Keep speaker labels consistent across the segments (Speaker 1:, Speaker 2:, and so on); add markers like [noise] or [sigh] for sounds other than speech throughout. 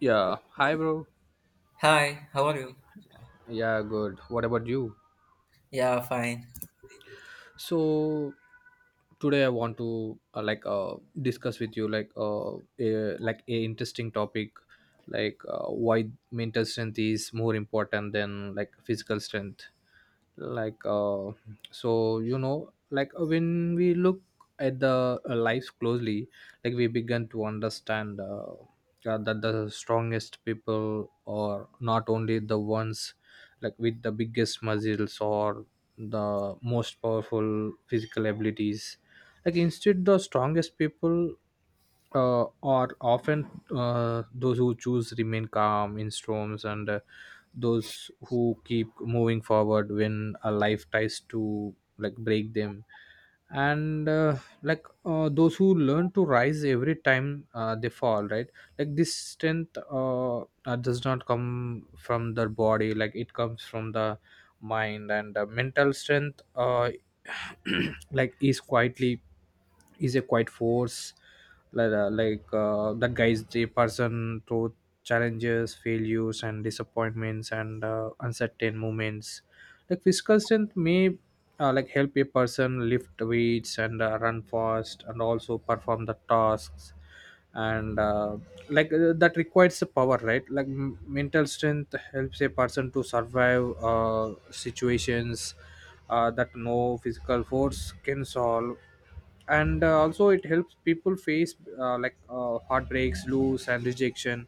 Speaker 1: Yeah, hi bro.
Speaker 2: Hi, how are you?
Speaker 1: Yeah, good. What about you?
Speaker 2: Yeah, fine.
Speaker 1: So today I want to like discuss with you like like a interesting topic, like why mental strength is more important than like physical strength. Like so like when we look at the lives closely, like we begin to understand that the strongest people are not only the ones like with the biggest muscles or the most powerful physical abilities. Like instead, the strongest people are often those who choose remain calm in storms, and those who keep moving forward when a life tries to like break them, and like those who learn to rise every time they fall, right? Like this strength does not come from the body, like it comes from the mind. And mental strength, [clears throat] like is quietly is a quiet force, like that guy's the person through challenges, failures, and disappointments, and uncertain moments. Like physical strength may like help a person lift weights and run fast and also perform the tasks, and like that requires the power, right? Like mental strength helps a person to survive situations that no physical force can solve. And also it helps people face like heartbreaks, loss, and rejection,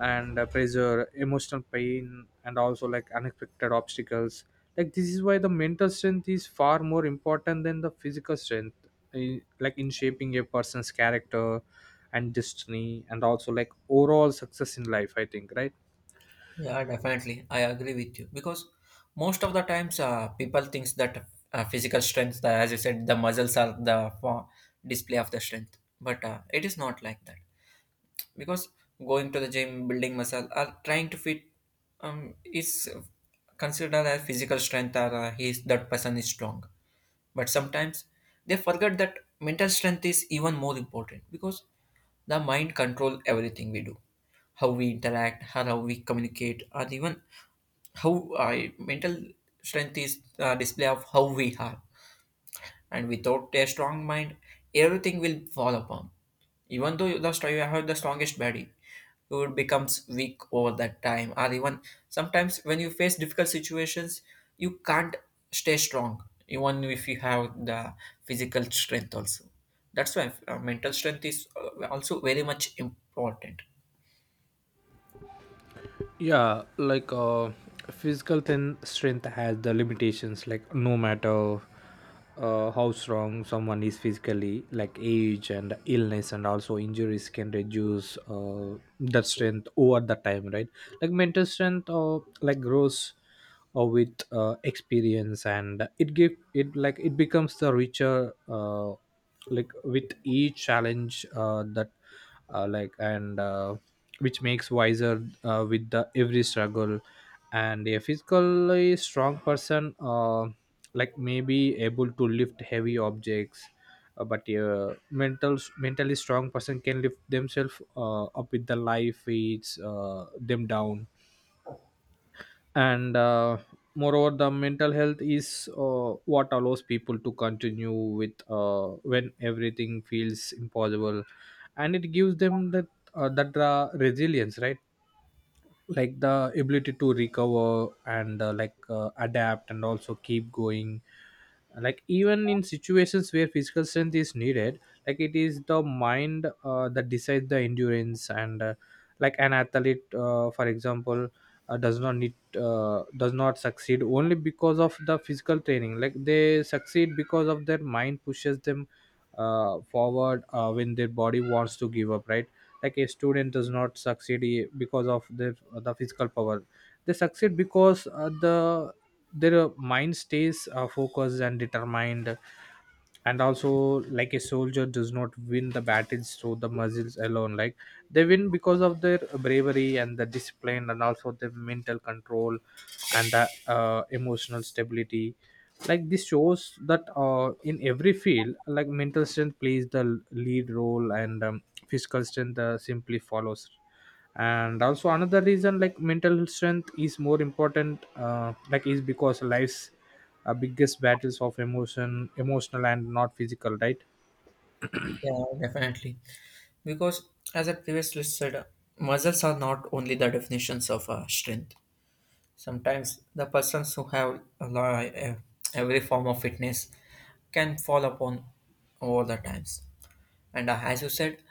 Speaker 1: and pressure, emotional pain, and also like unexpected obstacles. Like this is why the mental strength is far more important than the physical strength like in shaping a person's character and destiny and also like overall success in life, I think, right?
Speaker 2: Yeah, definitely. I agree with you because most of the times people thinks that physical strength, as you said, the muscles are the for display of the strength, but it is not like that because going to the gym, building muscle, or trying to fit is considered as physical strength or he is, that person is strong. But sometimes they forget that mental strength is even more important because the mind controls everything we do, how we interact, how we communicate, and even how mental strength is a display of how we are and without a strong mind everything will fall upon even though you you have the strongest body you would becomes weak over that time or even sometimes when you face difficult situations you can't stay strong even if you have the physical strength also. That's why mental strength is also very much important.
Speaker 1: Yeah, like physical thin strength has the limitations. Like no matter how strong someone is physically, like age and illness and also injuries can reduce that strength over the time, right? Like mental strength like grows or with experience, and it give it like it becomes the richer like with each challenge that like and which makes wiser with the every struggle. And a physically strong person like may be able to lift heavy objects, but a mentally strong person can lift themselves up with the life weights them down. And moreover, the mental health is what allows people to continue with when everything feels impossible, and it gives them that resilience, right? Like the ability to recover and like adapt and also keep going, like even in situations where physical strength is needed, like it is the mind that decides the endurance. And like an athlete, for example, uh, does not need does not succeed only because of the physical training, like they succeed because of their mind pushes them forward when their body wants to give up, right? Like a student does not succeed because of the physical power. They succeed because their mind stays focused and determined. And also, like a soldier does not win the battles through the muscles alone, like they win because of their bravery and the discipline and also their mental control and the emotional stability. Like this shows that in every field, like mental strength plays the lead role, and physical strength simply follows. And also, another reason like mental strength is more important like is because life's biggest battles of emotional and not physical, right?
Speaker 2: Yeah, definitely. Because as I previously said, muscles are not only the definitions of strength. Sometimes the persons who have a lot, every form of fitness can fall upon all the times. And as you said,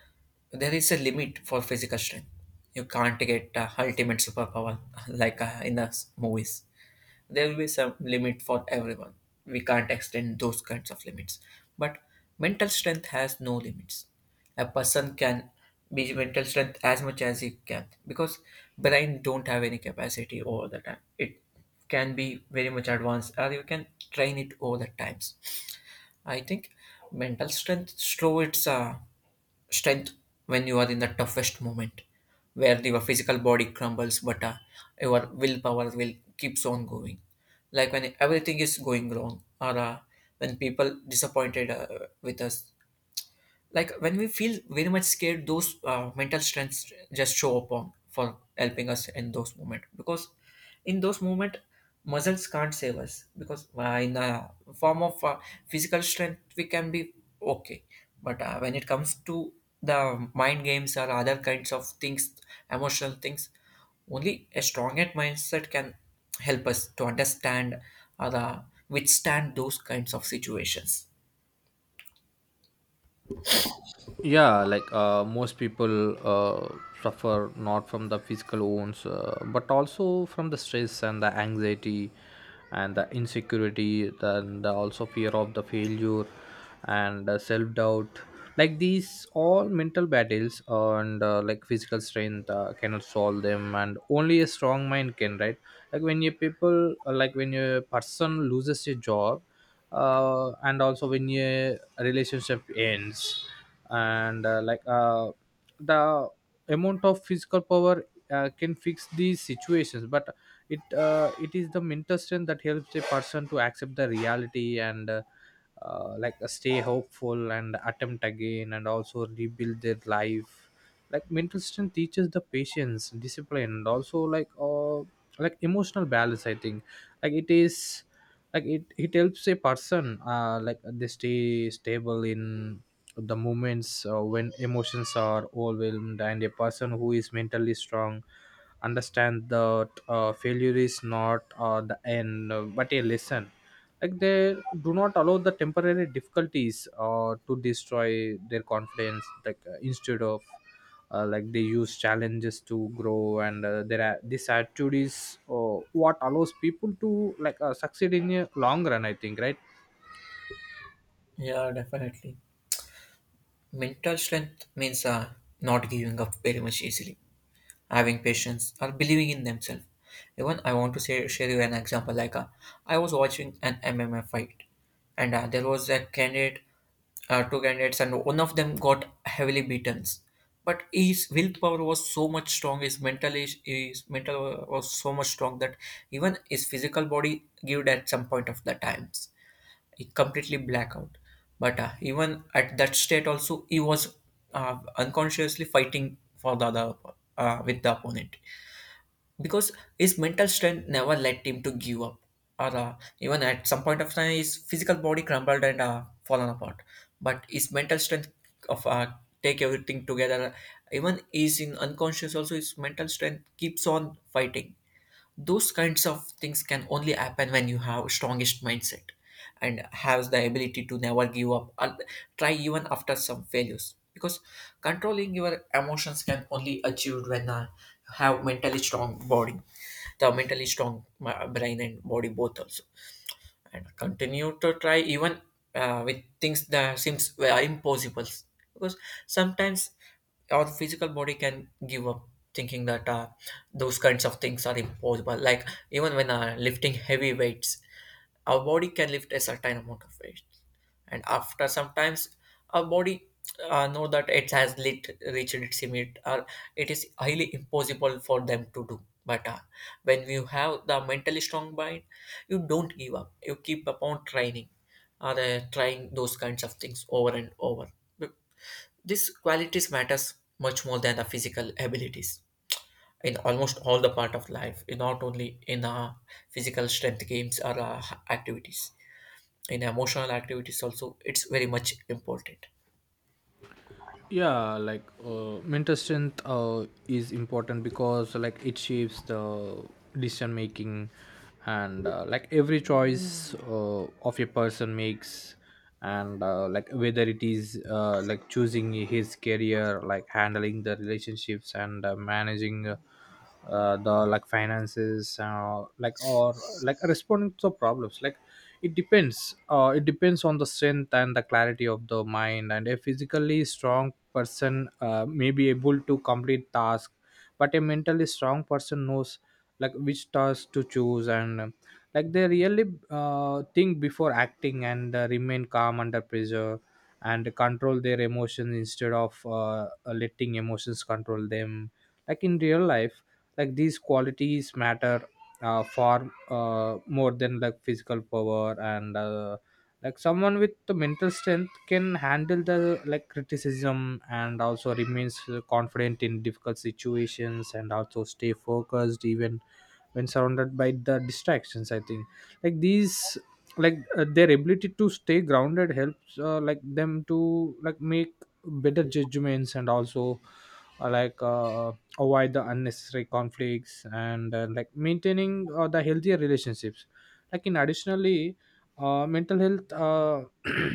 Speaker 2: there is a limit for physical strength. You can't get ultimate superpower [laughs] like in the movies there will be some limit for everyone. We can't extend those kinds of limits. But mental strength has no limits. A person can be mental strength as much as he can because brain don't have any capacity over the time. It can be very much advanced or you can train it over the times. I think mental strength shows its strength when you are in the toughest moment where your physical body crumbles but your willpower will keeps on going, like when everything is going wrong or when people disappointed with us, like when we feel very much scared, those mental strengths just show up on for helping us in those moments because in those moments muscles can't save us because in a form of physical strength we can be okay, but when it comes to the mind games or other kinds of things, emotional things, only a strong mindset can help us to understand or withstand those kinds of situations.
Speaker 1: Yeah, like most people suffer not from the physical wounds but also from the stress and the anxiety and the insecurity and the also fear of the failure and self-doubt. Like these all mental battles, and like physical strength cannot solve them, and only a strong mind can, right? Like when you people like when a person loses a job, and also when a relationship ends, and like the amount of physical power can fix these situations, but it is the mental strength that helps a person to accept the reality and like stay hopeful and attempt again and also rebuild their life. Like mental strength teaches the patience, discipline, and also like emotional balance, I think. like it is like it helps a person like they stay stable in the moments when emotions are overwhelmed. And a person who is mentally strong understand that failure is not the end, but a lesson. Like they do not allow the temporary difficulties to destroy their confidence, like instead of like they use challenges to grow. And there are these attitudes what allows people to like succeed in a long run, I think, right?
Speaker 2: Yeah, definitely. Mental strength means not giving up very much easily, having patience, or believing in themselves. Even I want to say, share you an example. Like I was watching an MMA fight, and there was a candidate, two candidates, and one of them got heavily beaten. But his willpower was so much strong. His mental is his mental was so much strong that even his physical body gave at some point of the times, completely blackout. But even at that state, also he was unconsciously fighting for the other with the opponent because his mental strength never led him to give up. Or even at some point of time, his physical body crumbled and fallen apart. But his mental strength of take everything together, even is in unconscious. Also, his mental strength keeps on fighting. Those kinds of things can only happen when you have strongest mindset and has the ability to never give up or try even after some failures because controlling your emotions can only achieved when you have mentally strong body, the mentally strong brain and body both also, and continue to try even with things that seems were impossible because sometimes our physical body can give up thinking that those kinds of things are impossible, like even when lifting heavy weights, our body can lift a certain amount of weight, and after sometimes our body know that reached its limit or it is highly impossible for them to do. But when you have the mentally strong mind, you don't give up, you keep upon training or trying those kinds of things over and over. But these qualities matters much more than the physical abilities in almost all the part of life, in not only in physical strength games or activities, in emotional activities also it's very much important.
Speaker 1: Yeah, like mental strength is important because like it shapes the decision making, and like every choice of a person makes, and like whether it is like choosing his career, like handling the relationships, and managing the like finances like or like responding to problems, like it depends on the strength and the clarity of the mind. And a physically strong person may be able to complete task, but a mentally strong person knows like which task to choose. And like they really think before acting and remain calm under pressure and control their emotions instead of letting emotions control them. Like in real life, like these qualities matter far more than like physical power. And like someone with the mental strength can handle the like criticism and also remains confident in difficult situations and also stay focused even when surrounded by the distractions, I think. Like these like their ability to stay grounded helps like them to like make better judgments and also like avoid the unnecessary conflicts and like maintaining the healthier relationships. Like in additionally, mental health, [clears throat]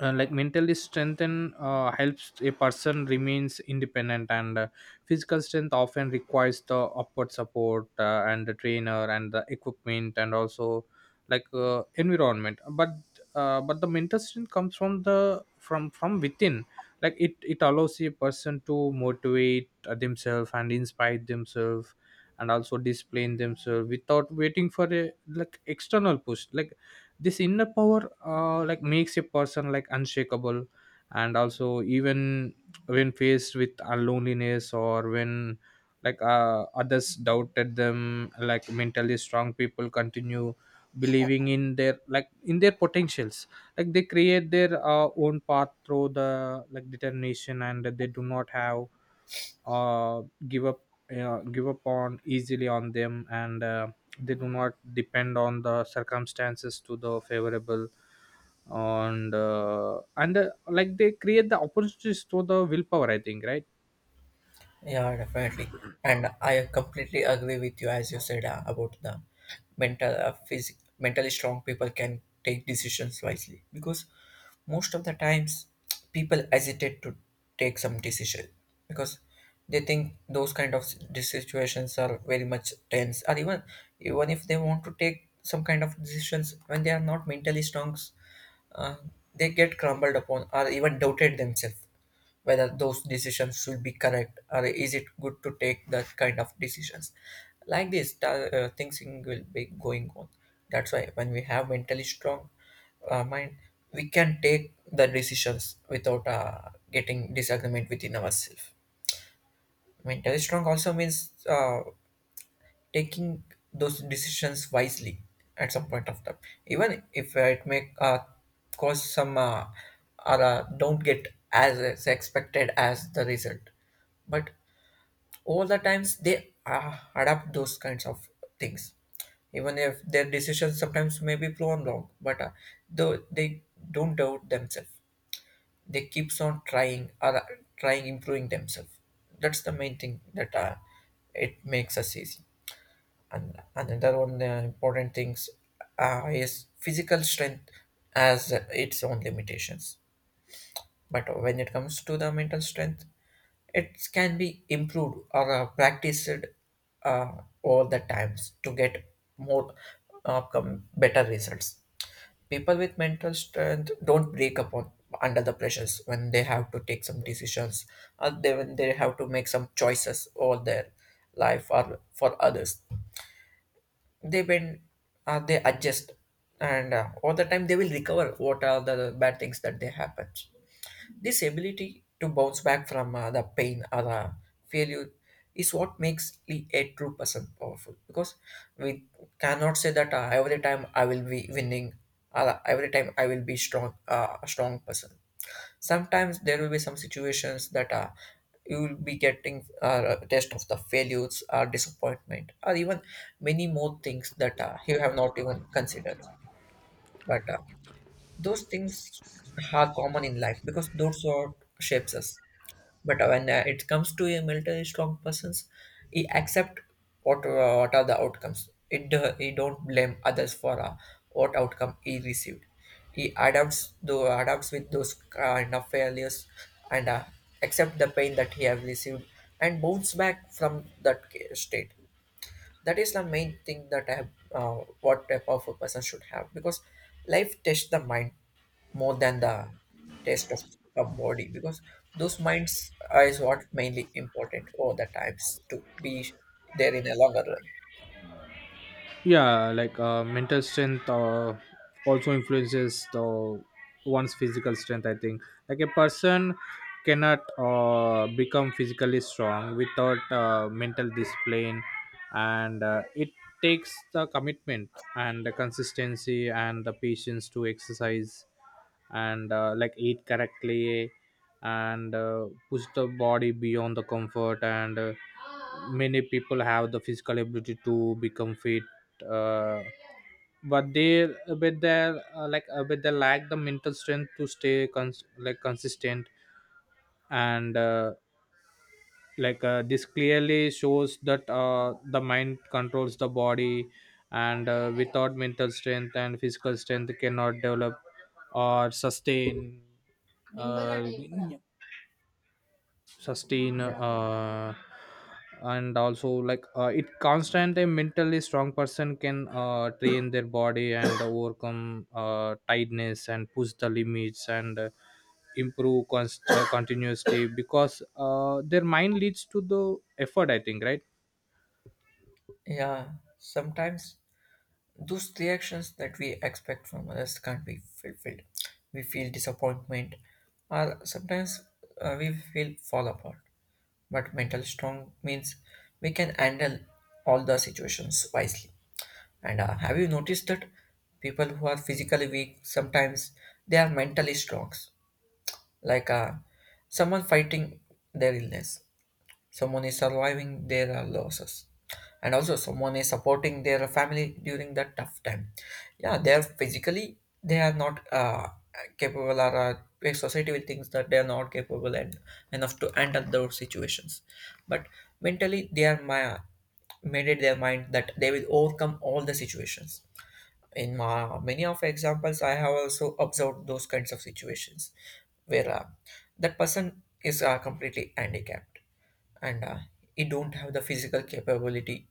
Speaker 1: like mentally strengthen helps a person remains independent. And physical strength often requires the upward support and the trainer and the equipment and also like environment, but but the mental strength comes from the from within. Like it allows a person to motivate themselves and inspire themselves and also display themselves without waiting for a like external push. Like this inner power like makes a person like unshakable, and also, even when faced with loneliness or when like others doubted them, like mentally strong people continue believing in their like in their potentials. Like they create their own path through the like determination, and they do not have uh, give up give up on easily on them. And they do not depend on the circumstances to the favorable, and like they create the opportunities to the willpower, I think, right?
Speaker 2: Yeah, definitely. And I completely agree with you, as you said about the mental, uh, phys- mentally strong people can take decisions wisely because most of the times people hesitate to take some decision because they think those kind of these situations are very much tense, or even even if they want to take some kind of decisions when they are not mentally strong, uh, they get crumbled upon or even doubted themselves whether those decisions should be correct or is it good to take that kind of decisions. Like things will be going on. That's why when we have mentally strong mind, we can take the decisions without getting disagreement within ourselves. Mentally strong also means taking those decisions wisely at some point of time, even if it may cause some or don't get as expected as the result. But all the times they adapt those kinds of things, even if their decisions sometimes may be proven wrong, but though they don't doubt themselves, they keeps on trying or trying improving themselves. That's the main thing that it makes us easy. And another one important things is physical strength has its own limitations, but when it comes to the mental strength, it can be improved or practiced uh, all the times to get more outcome better results. People with mental strength don't break upon under the pressures when they have to take some decisions, when they have to make some choices over their life or for others. They when they adjust, and all the time they will recover what are the bad things that they happen. This ability to bounce back from the pain or the failure is what makes a true person powerful. Because we cannot say that every time I will be winning, or every time I will be strong, a strong person. Sometimes there will be some situations that you will be getting a test of the failures, or disappointment, or even many more things that you have not even considered. But those things are common in life because those are shapes us. But when it comes to a military strong persons, he accept what are the outcomes. He don't blame others for what outcome he received. He adapts with those kind of failures and accept the pain that he have received and bounce back from that state. That is the main thing that I have, what type of a person should have, because life tests the mind more than the test of a body, because those is what mainly important all the times to be there in a longer run.
Speaker 1: Yeah, like mental strength also influences the one's physical strength, I think. Like a person cannot become physically strong without mental discipline. And it takes the commitment and the consistency and the patience to exercise and like eat correctly and push the body beyond the comfort. And many people have the physical ability to become fit, uh, but they with their like with the lack the mental strength to stay like consistent. And like this clearly shows that the mind controls the body, and without mental strength and physical strength cannot develop or uh, sustain
Speaker 2: Yeah.
Speaker 1: uh, And also, like it constant a mentally strong person can train their body and [coughs] overcome tightness and push the limits and improve continuously, because their mind leads to the effort, I think, right?
Speaker 2: Yeah, sometimes those reactions that we expect from others can't be fulfilled. We feel disappointment, or sometimes we feel fall apart. But mental strong means we can handle all the situations wisely. And have you noticed that people who are physically weak sometimes they are mentally strong, like someone fighting their illness, someone is surviving their losses, and also someone is supporting their family during that tough time. Yeah, they are physically they are not capable, or a society will think that they are not capable and enough to handle those situations. But mentally they are my made it their mind that they will overcome all the situations. In many of examples I have also observed those kinds of situations where that person is completely handicapped and he don't have the physical capability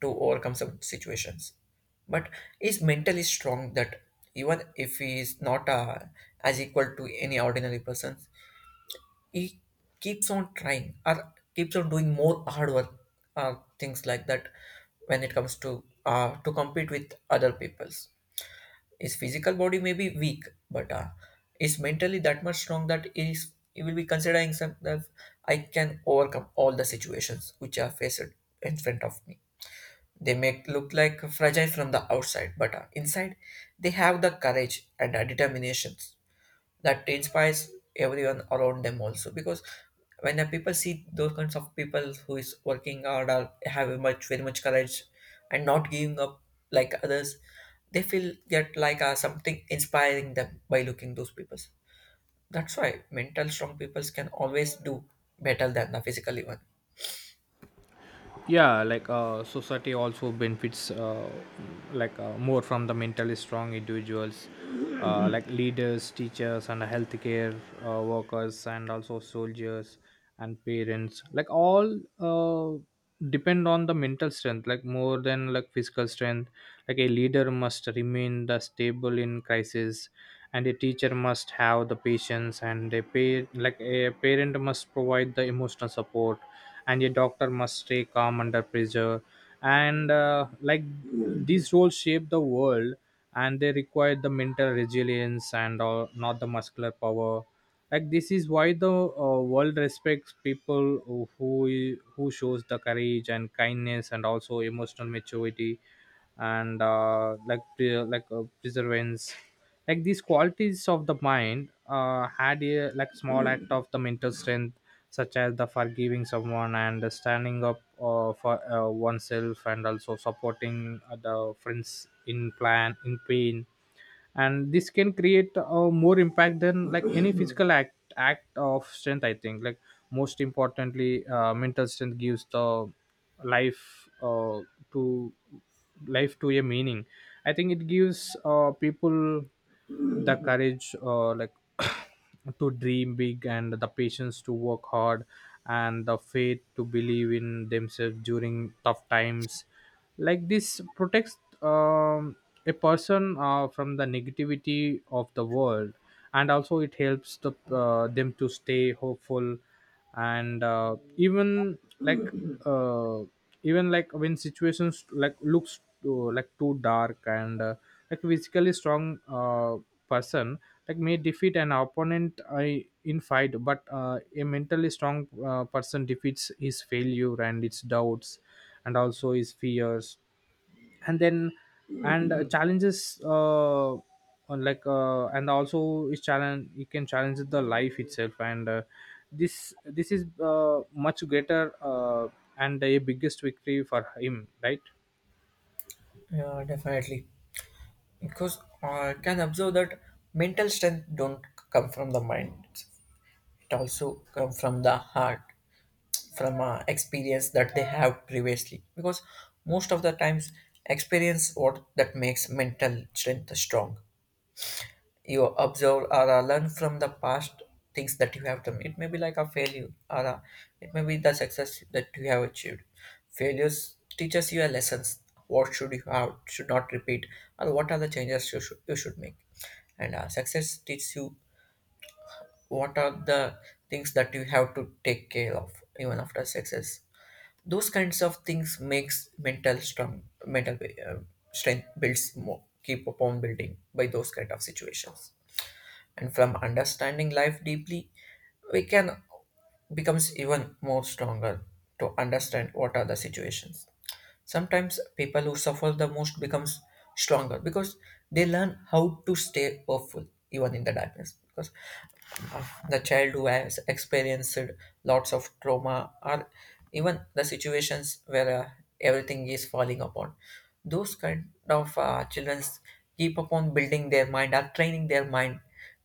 Speaker 2: to overcome some situations, but is mentally strong that even if he is not as equal to any ordinary person, he keeps on trying or keeps on doing more hard work, things like that. When it comes to compete with other peoples, his physical body may be weak, but is mentally that much strong that is he will be considering himself, I can overcome all the situations which are faced in front of me. They may look like fragile from the outside, but inside they have the courage and determinations that inspires everyone around them also, because when the people see those kinds of people who is working hard or have a much very much courage and not giving up like others, they feel that like something inspiring them by looking those people. That's why mental strong people can always do better than the physically one.
Speaker 1: Yeah, like society also benefits like more from the mentally strong individuals, like leaders, teachers, and healthcare workers, and also soldiers and parents, like all depend on the mental strength, like more than like physical strength. Like a leader must remain the stable in crisis, and a teacher must have the patience, and like a parent must provide the emotional support, and a doctor must stay calm under pressure. And like these roles shape the world, and they require the mental resilience and not the muscular power. Like this is why the world respects people who shows the courage and kindness and also emotional maturity and like perseverance. Like these qualities of the mind had a like small act of the mental strength, such as the forgiving someone and standing up for oneself and also supporting the friends in plan in pain. And this can create more impact than like any [clears throat] physical act of strength, I think, like most importantly, mental strength gives the life to life to a meaning. I think it gives people the courage, [clears throat] to dream big and the patience to work hard and the faith to believe in themselves during tough times. Like this protects a person from the negativity of the world, and also it helps them to stay hopeful. And uh, even like uh, even like when situations like looks too dark, and like physically strong person like may defeat an opponent I in fight, but a mentally strong person defeats his failure and its doubts, and also his fears, and then and challenges, on, and also is challenge, it can challenge the life itself, and this is much greater, and a biggest victory for him, right?
Speaker 2: Yeah, definitely, because I can observe that mental strength don't come from the mind, it also come from the heart, from experience that they have previously, because most of the times experience what that makes mental strength strong. You observe or learn from the past things that you have done. It may be like a failure or it may be the success that you have achieved. Failures teaches you a lessons what should you have should not repeat, or what are the changes you should make. And success teaches you what are the things that you have to take care of even after success. Those kinds of things makes mental strong mental, uh, strength builds more keep upon building by those kind of situations, and from understanding life deeply we can becomes even more stronger to understand what are the situations. Sometimes people who suffer the most becomes stronger because they learn how to stay hopeful even in the darkness, because the child who has experienced lots of trauma, or even the situations where everything is falling upon, those kind of children keep upon building their mind or training their mind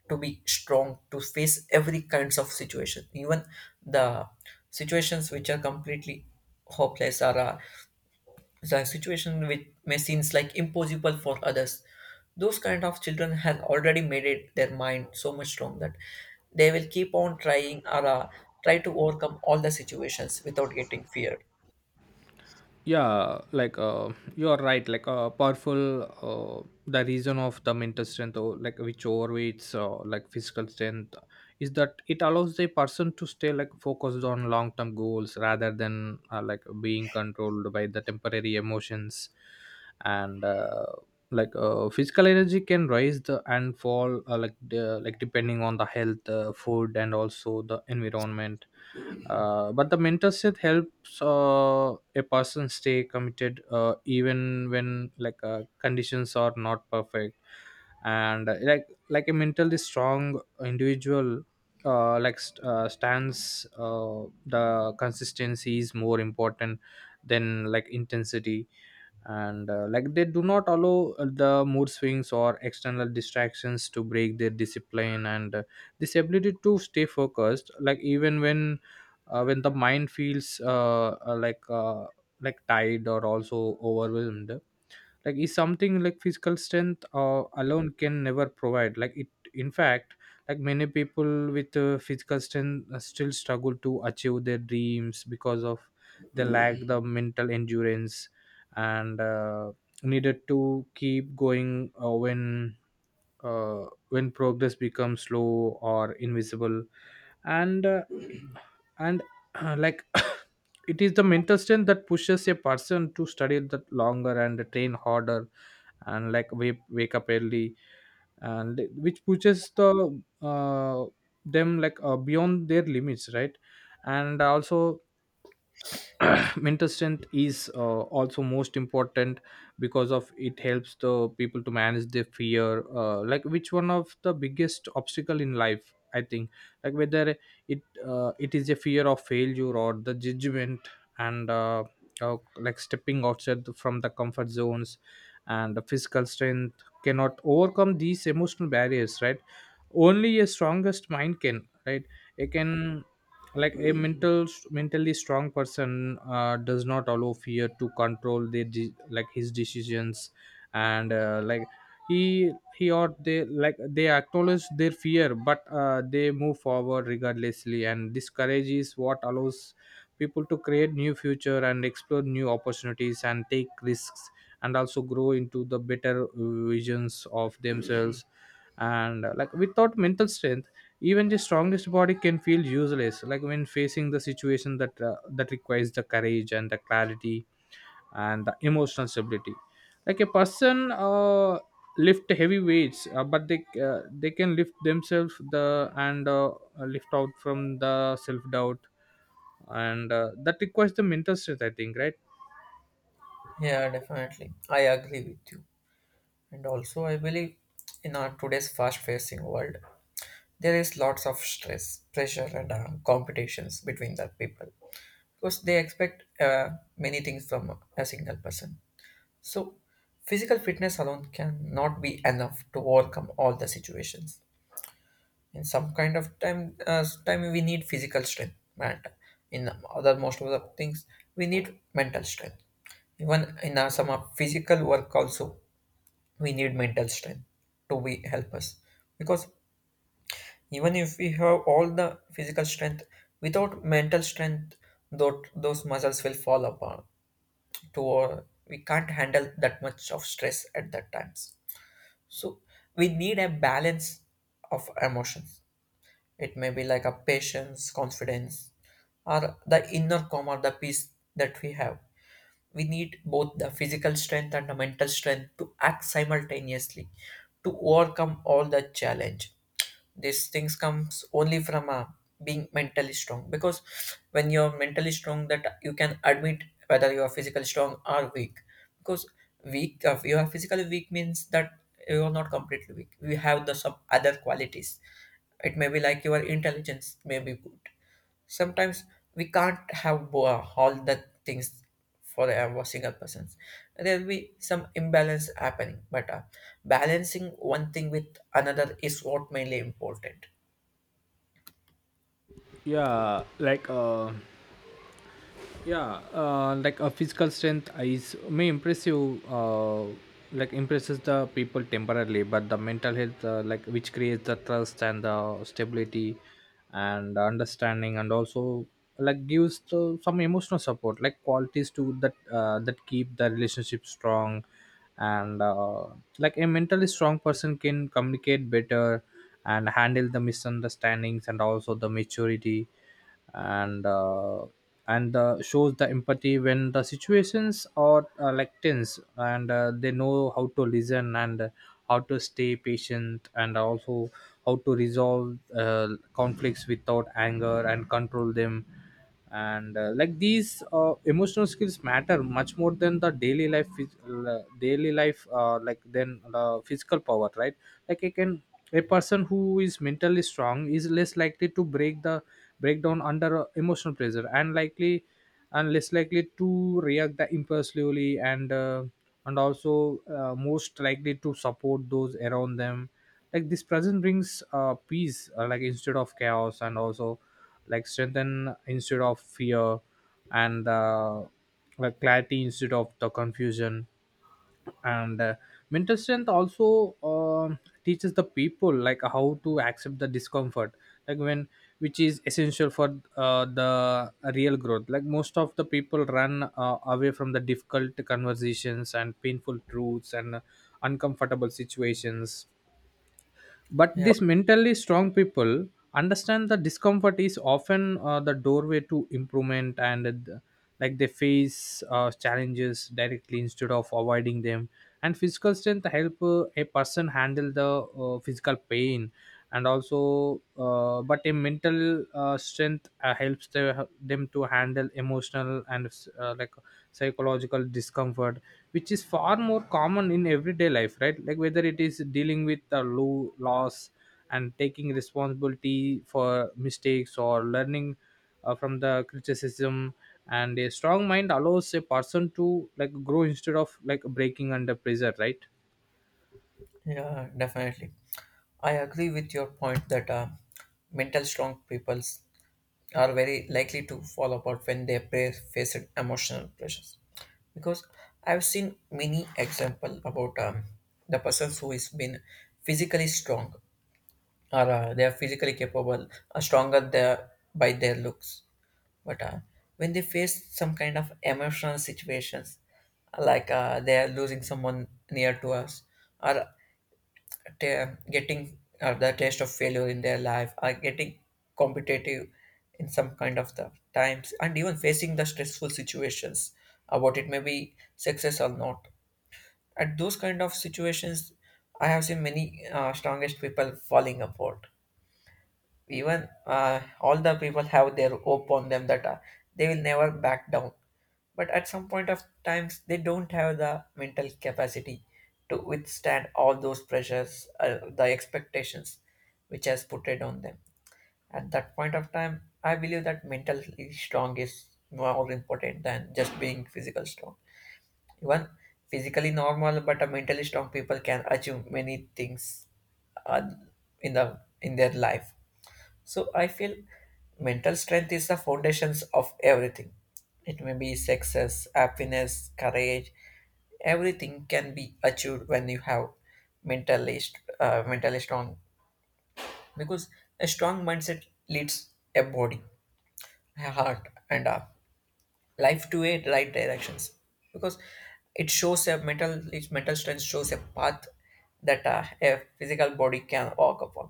Speaker 2: to be strong to face every kinds of situation, even the situations which are completely hopeless, or the situation which may seems like impossible for others. Those kind of children have already made it their mind so much strong that they will keep on trying, or try to overcome all the situations without getting feared.
Speaker 1: Yeah, you are right. Like, powerful, the reason of the mental strength, or like which overweights like physical strength is that it allows the person to stay like focused on long term goals rather than like being controlled by the temporary emotions. And physical energy can rise the and fall, like the, like depending on the health, food, and also the environment, but the mentorship helps a person stay committed, even when conditions are not perfect. And like a mentally strong individual, stands, the consistency is more important than like intensity. And like they do not allow the mood swings or external distractions to break their discipline, and this ability to stay focused like even when the mind feels like tired or also overwhelmed, like is something like physical strength alone can never provide, like it. In fact, like many people with physical strength still struggle to achieve their dreams because of they lack the mental endurance, and needed to keep going when progress becomes slow or invisible, and [clears throat] and like [coughs] it is the mental strength that pushes a person to study that longer and train harder, and like wake up early, and which pushes them, beyond their limits, right? And also [clears throat] mental strength is also most important, because of it helps the people to manage their fear, like which one of the biggest obstacle in life, I think. Like whether it it is a fear of failure or the judgment, and like stepping outside from the comfort zones, and the physical strength cannot overcome these emotional barriers, right? Only a strongest mind can, right? It can, like a mentally strong person does not allow fear to control their de- like his decisions. And like he or they, like they acknowledge their fear, but they move forward regardlessly, and this courage is what allows people to create new future and explore new opportunities and take risks, and also grow into the better visions of themselves. And like without mental strength, even the strongest body can feel useless, like when facing the situation that requires the courage and the clarity and the emotional stability. Like a person, lift heavy weights, but they can lift themselves, the and lift out from the self doubt, and that requires the mental strength, I think, right?
Speaker 2: Yeah, definitely, I agree with you. And also I believe in our today's fast facing world there is lots of stress, pressure, and competitions between the people, because they expect many things from a single person. So, physical fitness alone cannot be enough to overcome all the situations. In some kind of time, time we need physical strength, and in other most of the things we need mental strength. Even in some of physical work also, we need mental strength to be help us, because even if we have all the physical strength, without mental strength, though those muscles will fall apart. To we can't handle that much of stress at that times. So we need a balance of emotions. It may be like a patience, confidence, or the inner calm or the peace that we have. We need both the physical strength and the mental strength to act simultaneously to overcome all the challenge. These things comes only from being mentally strong, because when you're mentally strong that you can admit whether you are physically strong or weak. Because weak, if you are physically weak means that you are not completely weak, we have the some other qualities. It may be like your intelligence may be good. Sometimes we can't have all the things for a single person. There will be some imbalance happening, but balancing one thing with another is what mainly important.
Speaker 1: Yeah, yeah. Like a physical strength is may impress you, like impresses the people temporarily, but the mental health, like which creates the trust and the stability and understanding, and also like gives some emotional support, like qualities to that keep the relationship strong, and like a mentally strong person can communicate better and handle the misunderstandings, and also the maturity, and uh, and shows the empathy when the situations are like tense, and they know how to listen, and how to stay patient, and also how to resolve conflicts without anger and control them. And like these emotional skills matter much more than the daily life phys- daily life, like than the physical power, right? Like I can a person who is mentally strong is less likely to breakdown under emotional pressure, and less likely to react the impulsively, and also most likely to support those around them. Like this present brings peace, like instead of chaos, and also like strengthen instead of fear, and like clarity instead of the confusion, and mental strength also teaches the people like how to accept the discomfort, like when which is essential for the real growth. Like most of the people run away from the difficult conversations and painful truths and uncomfortable situations, but
Speaker 2: Yeah,
Speaker 1: these mentally strong people understand the discomfort is often the doorway to improvement, and like they face challenges directly instead of avoiding them. And physical strength help a person handle the physical pain, and also but a mental strength helps them to handle emotional and uh, like psychological discomfort, which is far more common in everyday life, right? Like whether it is dealing with a low loss, and taking responsibility for mistakes, or learning from the criticism, and a strong mind allows a person to like grow instead of like breaking under pressure, right?
Speaker 2: yeah, definitely, I agree with your point that mental strong peoples are very likely to fall apart when they face emotional pressures, because I've seen many example about the persons who is been physically strong, or they are physically capable, stronger the, by their looks. But when they face some kind of emotional situations, they are losing someone near to us, or t- getting the taste of failure in their life, or getting competitive in some kind of the times, and even facing the stressful situations, about it may be success or not. At those kind of situations, I have seen many strongest people falling apart, even all the people have their hope on them that they will never back down, but at some point of times they don't have the mental capacity to withstand all those pressures, the expectations which has put it on them. At that point of time I believe that mentally strong is more important than just being physical strong. Even physically normal, but a mentally strong people can achieve many things, uh, in the in their life. So I feel mental strength is the foundations of everything. It may be success, happiness, courage. Everything can be achieved when you have mentally strong. Because a strong mindset leads a body, a heart, and a life to a right directions. Because it shows a mental its mental strength shows a path that a physical body can walk upon.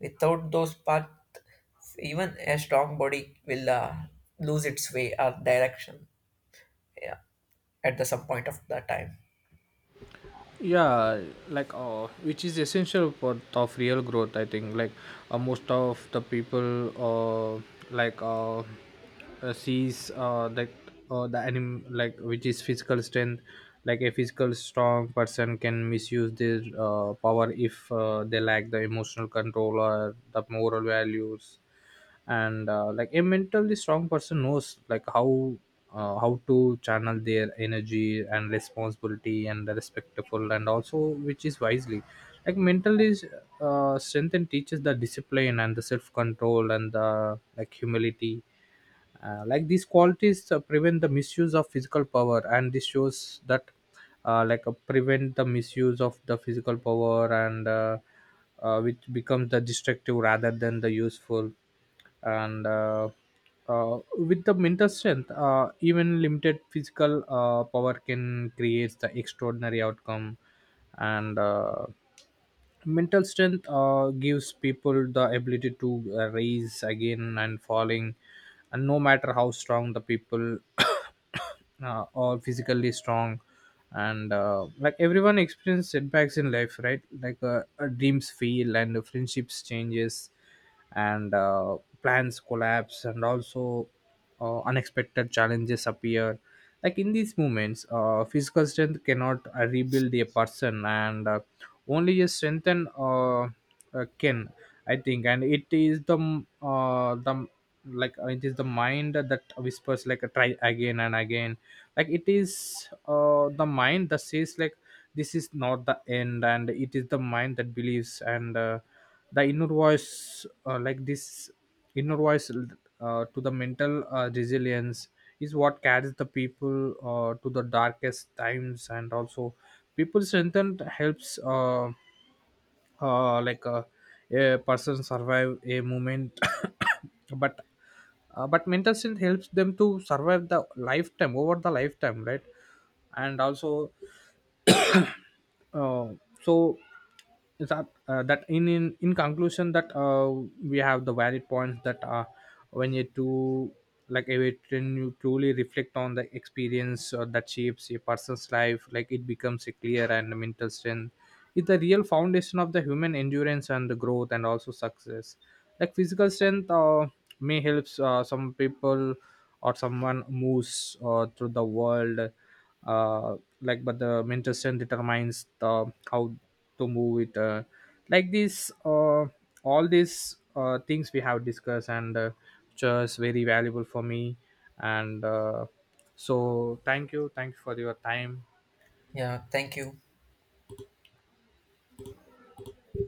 Speaker 2: Without those paths, even a strong body will lose its way or direction, yeah, at the some point of the time.
Speaker 1: Yeah, which is essential part of real growth, I think, like most of the people like uh, sees that, the anim like which is physical strength. Like a physical strong person can misuse their power if they lack the emotional control or the moral values, and like a mentally strong person knows like how to channel their energy and responsibility and respectful, and also which is wisely, like mentally strength and teaches the discipline and the self control and the like humility. Like these qualities prevent the misuse of physical power, and this shows that, prevent the misuse of the physical power, and which becomes the destructive rather than the useful. And with the mental strength, even limited physical power can create the extraordinary outcome, and mental strength gives people the ability to rise again and falling, and no matter how strong the people, [coughs] or physically strong, and like everyone experiences setbacks in life, right? Like dreams fail and friendships changes, and plans collapse, and also unexpected challenges appear. Like in these moments, physical strength cannot rebuild a person, and only a strengthen can, I think. And it is the mind that whispers like try again and again. Like it is the mind that says like this is not the end, and it is the mind that believes, and the inner voice, like this inner voice to the mental resilience is what carries the people to the darkest times, and also people strengthen helps, uh, like uh, a person survive a moment, [coughs] but but mental strength helps them to survive the lifetime over the lifetime, right? And also uh, so is that, in conclusion that, we have the valid points that, when you do like if it, when you truly reflect on the experience that shapes a person's life, like it becomes a clear and mental strength. It's the real foundation of the human endurance and the growth and also success. Like physical strength may helps some people or someone moves through the world, but the mental strength determines the how to move it, like this all these things we have discussed, and just very valuable for me, and so thank you for your time.
Speaker 2: Yeah, thank you.